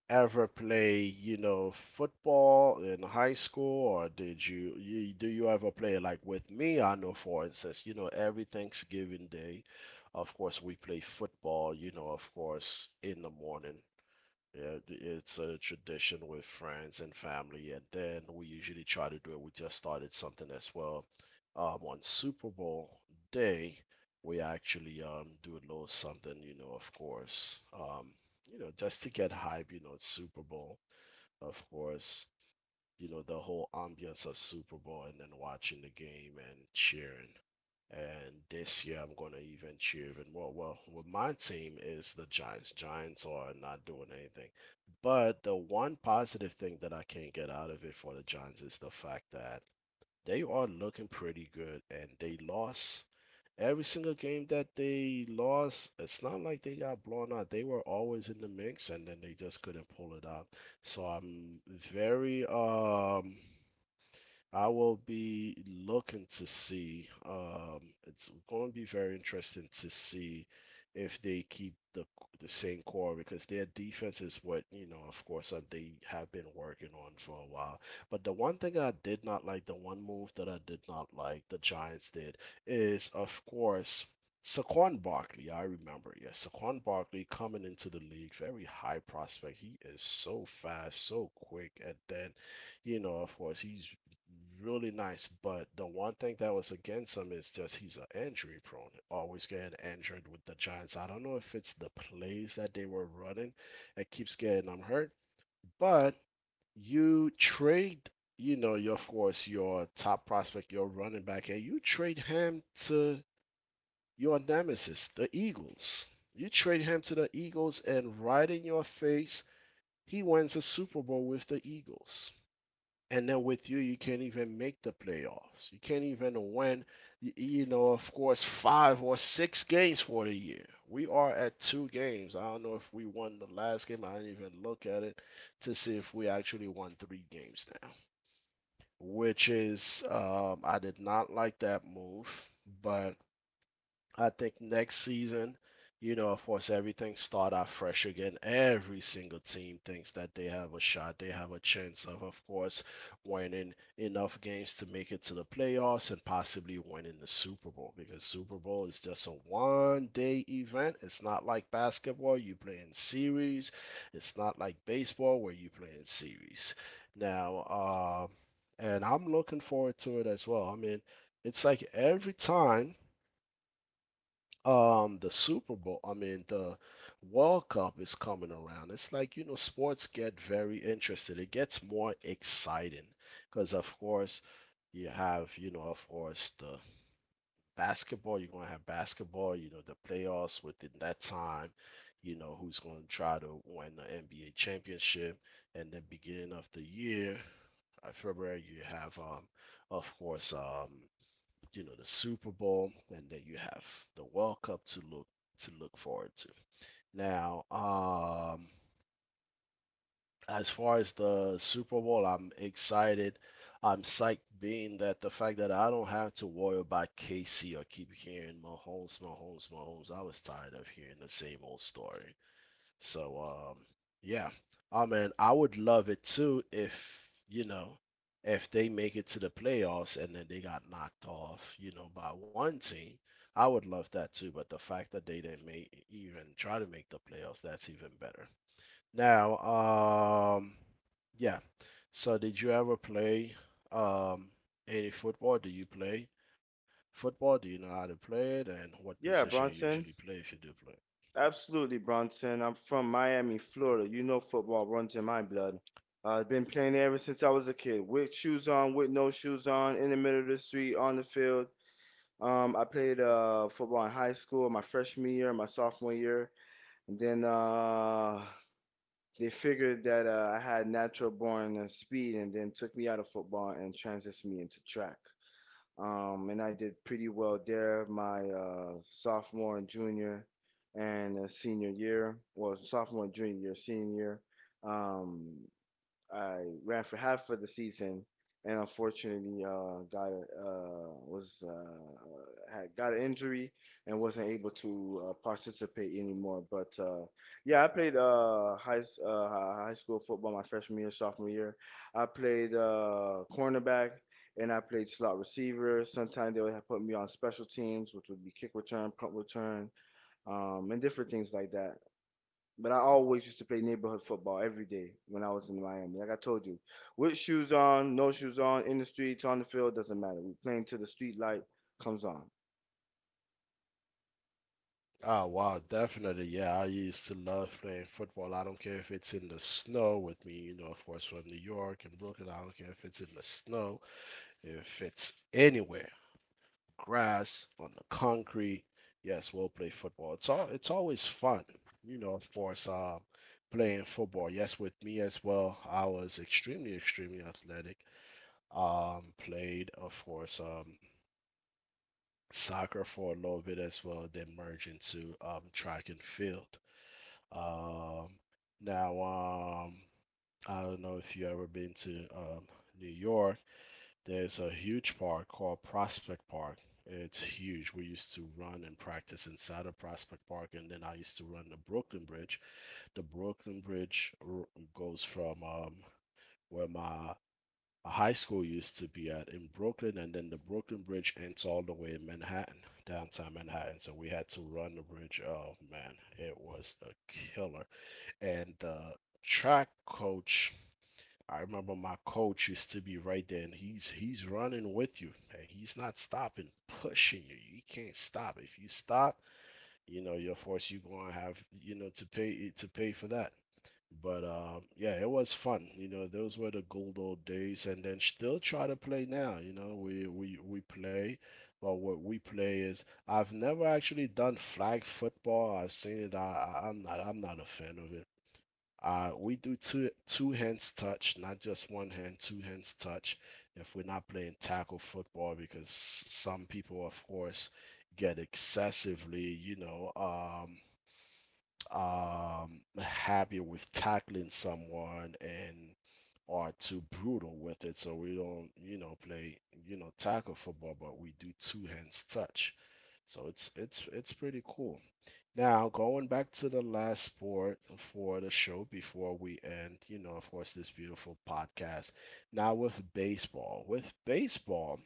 A: ever play, you know, football in high school, or did you do you ever play like with me? I know, for instance, you know, every Thanksgiving Day, of course, we play football, you know, of course, in the morning. Yeah, it's a tradition with friends and family, and then we usually try to do it. We just started something as well. On Super Bowl day, we actually do a little something, you know, of course. You know, just to get hype, you know, it's Super Bowl, of course. You know, the whole ambience of Super Bowl and then watching the game and cheering. And this year, I'm going to even cheer even more. Well, with my team is the Giants. Giants are not doing anything. But the one positive thing that I can get out of it for the Giants is the fact that they are looking pretty good and they lost every single game that they lost. It's not like they got blown out. They were always in the mix and then they just couldn't pull it out. So I'm very I will be looking to see. It's going to be very interesting to see if they keep the same core because their defense is what, you know, of course, they have been working on for a while. But the one thing I did not like, the one move that I did not like, the Giants did, is of course. Saquon Barkley, I remember, yes, Saquon Barkley coming into the league, very high prospect. He is so fast, so quick, and then, you know, of course, he's really nice. But the one thing that was against him is just he's an injury prone, always getting injured with the Giants. I don't know if it's the plays that they were running that keeps getting him hurt, but you trade, you know, your of course your top prospect, your running back, and you trade him to your nemesis, the Eagles. You trade him to the Eagles, and right in your face, he wins a Super Bowl with the Eagles. And then with you, you can't even make the playoffs. You can't even win, you know, of course, 5 or 6 games for the year. We are at 2 games. I don't know if we won the last game. I didn't even look at it to see if we actually won 3 games now, which is, I did not like that move, but I think next season, you know, of course, everything start out fresh again. Every single team thinks that they have a shot. They have a chance of course, winning enough games to make it to the playoffs and possibly winning the Super Bowl because Super Bowl is just a one day event. It's not like basketball, you play in series. It's not like baseball where you play in series. Now, uh, and I'm looking forward to it as well. I mean, it's like every time the Super Bowl, I mean the World Cup is coming around. It's like, you know, sports get very interested. It gets more exciting because of course you have, you know, of course the basketball, you're gonna have basketball, you know, the playoffs within that time, you know, who's gonna try to win the NBA championship and the beginning of the year, February you have of course you know the Super Bowl, and then you have the World Cup to look forward to. Now, um, as far as the Super Bowl, I'm excited. I'm psyched being that the fact that I don't have to worry about KC or keep hearing Mahomes, Mahomes, Mahomes. I was tired of hearing the same old story. So yeah. I mean, I would love it too if, you know, if they make it to the playoffs and then they got knocked off, you know, by one team. I would love that too, but the fact that they didn't make even try to make the playoffs, that's even better. Now, um yeah. So did you ever play um any football? Do you play football? Do you know how to play it and what position
B: Yeah,
A: you usually
B: Bronson.
A: play if you do play?
B: Absolutely, Bronson. I'm from Miami, Florida. You know football runs in my blood. I've been playing ever since I was a kid, with shoes on, with no shoes on, in the middle of the street, on the field. I played football in high school, my freshman year, my sophomore year, and then they figured that I had natural born speed, and then took me out of football and transitioned me into track. And I did pretty well there my sophomore and junior and senior year, well, sophomore and junior year, senior year. Um, I ran for half of the season, and unfortunately, got was had got an injury and wasn't able to participate anymore. But yeah, I played high school football my freshman year, sophomore year. I played cornerback. And I played slot receiver. Sometimes they would have put me on special teams, which would be kick return, punt return, and different things like that. But I always used to play neighborhood football every day when I was in Miami. Like I told you, with shoes on, no shoes on, in the streets, on the field, doesn't matter. We playing till the street light comes on.
A: Oh wow, definitely. Yeah, I used to love playing football. I don't care if it's in the snow with me, you know, of course from New York and Brooklyn. I don't care if it's in the snow, if it's anywhere, grass, on the concrete. Yes, we'll play football. It's all it's always fun, you know, of course, playing football. Yes, with me as well. I was extremely, extremely athletic. Played, of course, soccer for a little bit as well, then merge into track and field. Um, now, um, I don't know if you ever been to New York. There's a huge park called Prospect Park. It's huge. We used to run and practice inside of Prospect Park, and then I used to run the Brooklyn Bridge. The Brooklyn Bridge r- Goes from where my high school used to be at in Brooklyn, and then the Brooklyn Bridge ends all the way in Manhattan, downtown Manhattan. So we had to run the bridge. Oh man, it was a killer, and the track coach, I remember my coach used to be right there and he's running with you and he's not stopping, pushing you. You can't stop. If you stop, you know, you're forced, you're going to have, you know, to pay for that. But yeah, it was fun, you know, those were the good old days, and then still try to play now. You know, we play, but what we play is, I've never actually done flag football. I've seen it. I'm not a fan of it. We do two hands touch, not just one hand, two hands touch. If we're not playing tackle football, because some people, of course, get excessively, you know, happy with tackling someone and are too brutal with it. So we don't, you know, play, you know, tackle football, but we do two hands touch. So it's pretty cool. Now, going back to the last sport for the show before we end, you know, of course, this beautiful podcast. Now, with baseball,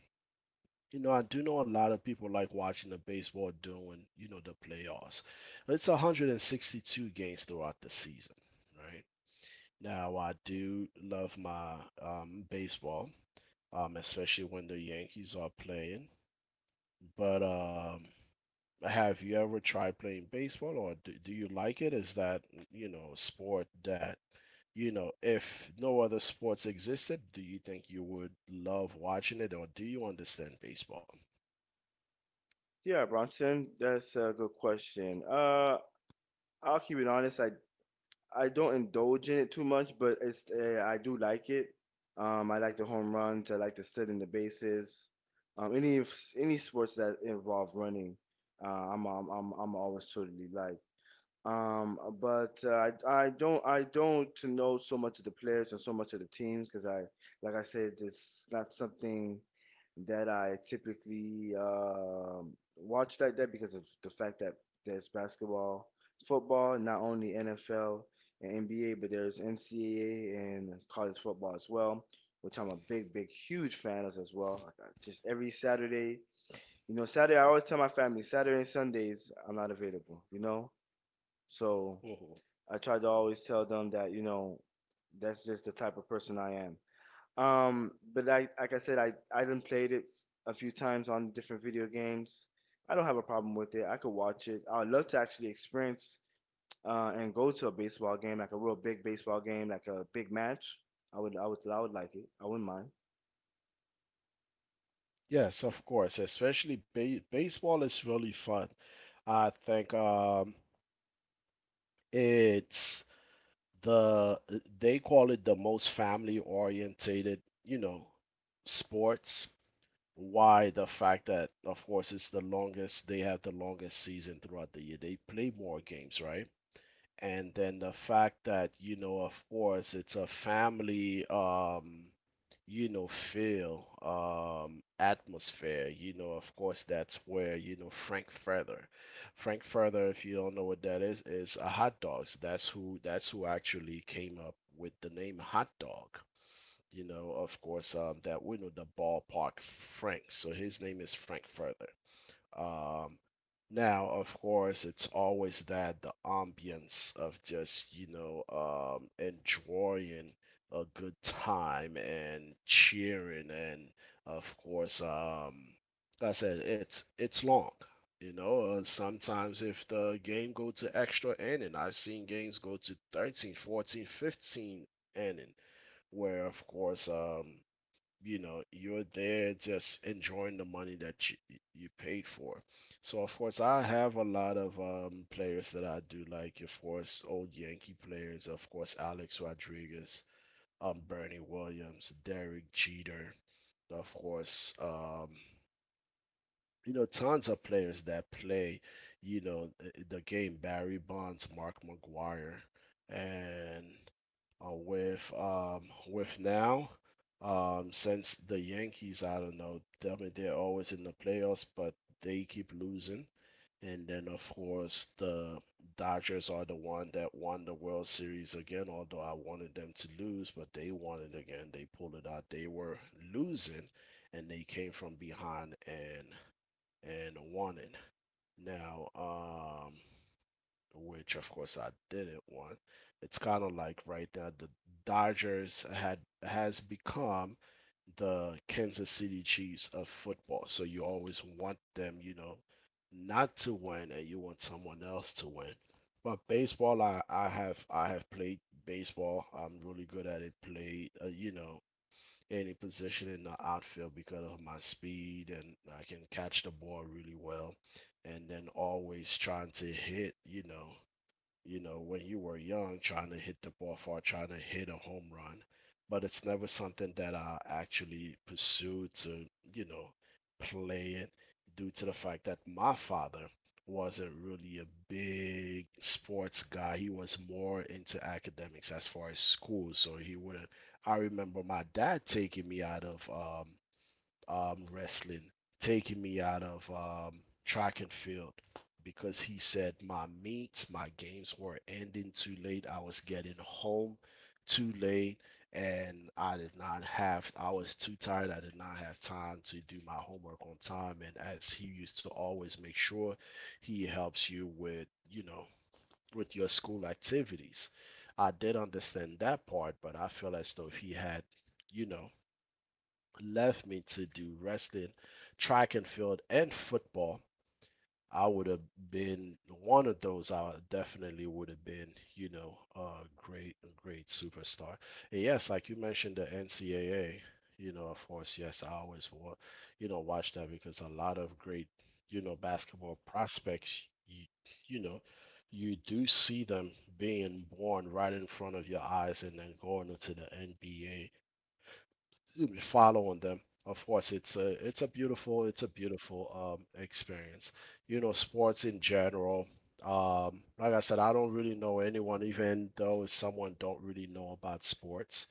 A: you know, I do know a lot of people like watching the baseball during, you know, the playoffs. It's 162 games throughout the season, right? Now, I do love my baseball, especially when the Yankees are playing. But have you ever tried playing baseball, or do you like it? Is that, you know, a sport that, you know, if no other sports existed, do you think you would love watching it, or do you understand baseball?
B: Yeah, Bronson, that's a good question. I'll keep it honest. I don't indulge in it too much, but it's I do like it. I like the home runs. I like to sit in the bases. Um, any any sports that involve running, I'm always totally like. But I don't know so much of the players and so much of the teams because I like I said it's not something that I typically watch like that because of the fact that there's basketball, football, not only NFL and NBA, but there's NCAA and college football as well, which I'm a big, big, huge fan of as well. I Just every Saturday, Saturday, I always tell my family, Saturday and Sundays, I'm not available, you know? So
A: Hmm.
B: I try to always tell them that, that's just the type of person I am. But I, like I said, I done played it a few times on different video games. I don't have a problem with it. I could watch it. I would love to actually experience and go to a baseball game, like a real big baseball game, like a big match. I would like it. I wouldn't mind.
A: Yes, of course. Especially ba baseball is really fun. I think it's the they call it the most family orientated, you know, sports, why the fact that of course it's the longest, they have the longest season throughout the year, they play more games, right? And then the fact that, you know, of course it's a family you know feel atmosphere, you know, of course, that's where, you know, Frank Further, if you don't know what that is a hot dogs, that's who actually came up with the name hot dog, you know, of course, that we know the ballpark Frank. So his name is Frank Further. Um, Now, of course, it's always that the ambience of just, you know, enjoying a good time and cheering, and of course, like I said, it's long. You know, sometimes if the game go to extra inning, I've seen games go to 13, 14, 15 inning, where of course, you know, you're there just enjoying the money that you paid for. So of course I have a lot of players that I do like, of course old Yankee players, of course Alex Rodriguez, Bernie Williams, Derek Jeter, of course you know, tons of players that play, you know, the game, Barry Bonds, Mark McGuire. And with now. Since the Yankees, I don't know, I mean, they're always in the playoffs, but they keep losing. And then, of course, the Dodgers are the one that won the World Series again, although I wanted them to lose, but they won it again. They pulled it out. They were losing, and they came from behind and won it. Now, um, which of course I didn't want. It's kind of like right now the Dodgers had has become the Kansas City Chiefs of football. So you always want them, you know, not to win and you want someone else to win. But baseball, I have played baseball. I'm really good at it. Played, you know, any position in the outfield because of my speed and I can catch the ball really well. And then always trying to hit, you know, when you were young, trying to hit the ball far, trying to hit a home run. But it's never something that I actually pursued to, you know, play it due to the fact that my father wasn't really a big sports guy. He was more into academics as far as school. So he wouldn't. I remember my dad taking me out of wrestling, taking me out of track and field because he said my meets, my games were ending too late. I was getting home too late and I did not have, I was too tired. I did not have time to do my homework on time. And as he used to always make sure he helps you with, you know, with your school activities. I did understand that part, but I feel as though if he had, you know, left me to do wrestling, track and field, and football, I would have been one of those. I definitely would have been, you know, a great superstar. And yes, like you mentioned, the NCAA. You know, of course, yes, you know, watch that because a lot of great, you know, basketball prospects, you know, you do see them being born right in front of your eyes and then going into the NBA, excuse me, following them. Of course, it's a beautiful, it's a beautiful experience. You know, sports in general. Like I said, I don't really know anyone, even though someone don't really know about sports.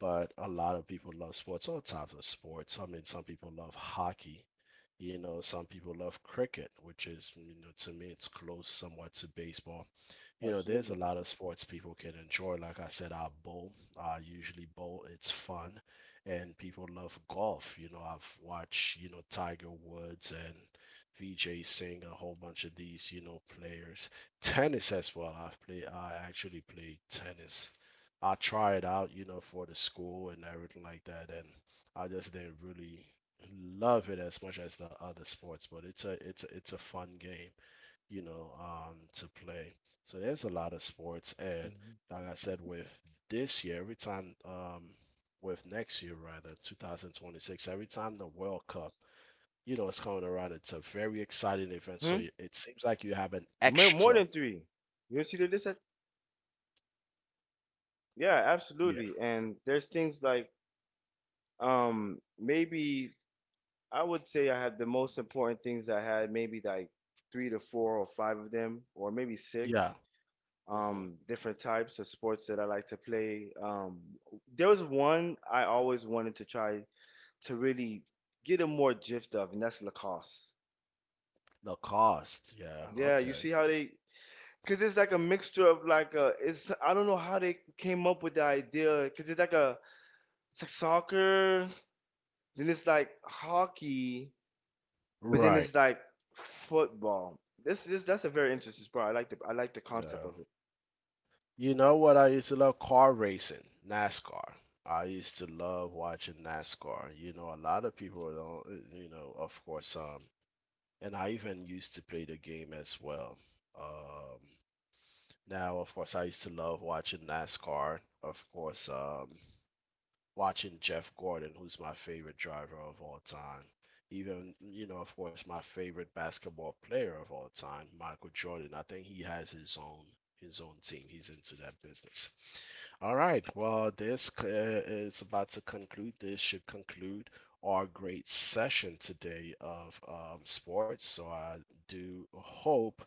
A: But a lot of people love sports, all types of sports. I mean, some people love hockey. You know, some people love cricket, which is, you know, to me, it's close somewhat to baseball. You know, there's a
B: Absolutely.
A: lot of sports people can enjoy. Like I said, I bowl. I usually bowl. It's fun, and people love golf. You know, I've watched you know Tiger Woods and Vijay Singh, a whole bunch of these you know players. Tennis as well. I've played. I actually played tennis. I tried out, you know, for the school and everything like that, and I just didn't really love it as much as the other sports. But it's a fun game, you know, to play. So there's a lot of sports, and
B: Mm-hmm.
A: like I said, with this year, every time, with next year rather, 2026, every time the World Cup, you know, it's coming around, it's a very exciting event. So
B: Hmm?
A: it seems like you have an
B: More, more
A: extra.
B: than three. You see the list? Yeah,
A: Yeah.
B: absolutely. And there's things like maybe I would say I had the most important things I had, maybe like three to four or five of them, or maybe six.
A: Yeah. Hmm.
B: Different types of sports that I like to play. There was one I always wanted to try to really get a more gift of, and that's lacrosse.
A: The cost. Yeah.
B: Yeah, you
A: Okay.
B: see how they, cause it's like a mixture of like a, it's I don't know how they came up with the idea, cause it's like soccer, then it's like hockey, but then
A: Right.
B: it's like football. This is that's a very interesting sport. I like the concept
A: Yeah.
B: of it.
A: You know what? I used to love car racing, NASCAR. I used to love watching NASCAR. You know, a lot of people don't, you know, of course, and I even used to play the game as well. Um, Now, of course, I used to love watching NASCAR. Of course, watching Jeff Gordon, who's my favorite driver of all time. Even, you know, of course, my favorite basketball player of all time, Michael Jordan. I think he has his own, team. He's into that business. All right. Well, is about to conclude. This should conclude our great session today of sports. So I do hope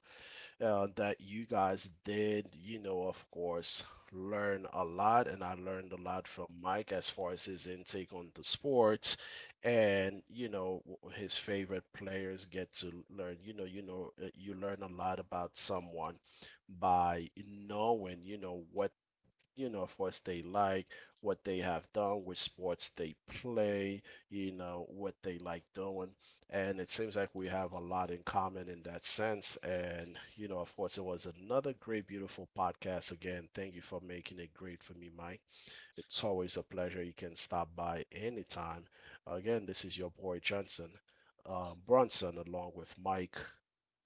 A: that you guys did, you know, of course, learn a lot. And I learned a lot from Mike as far as his intake on the sports, and you know, his favorite players get to learn. You know, you know, you learn a lot about someone by knowing, you know, what you know, of what they like, what they have done, which sports they play, you know, what they like doing. And it seems like we have a lot in common in that sense. And, you know, of course, it was another great, beautiful podcast. Again, thank you for making it great for me, Mike. It's always a pleasure. You can stop by anytime. Again, this is your boy Johnson, Bronson, along with Mike.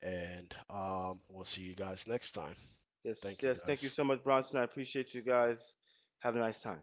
A: And we'll see you guys next time.
B: Yes,
A: Thank you,
B: yes. Thank you
A: guys.
B: so much, Bronson. I appreciate you guys. Have a nice time.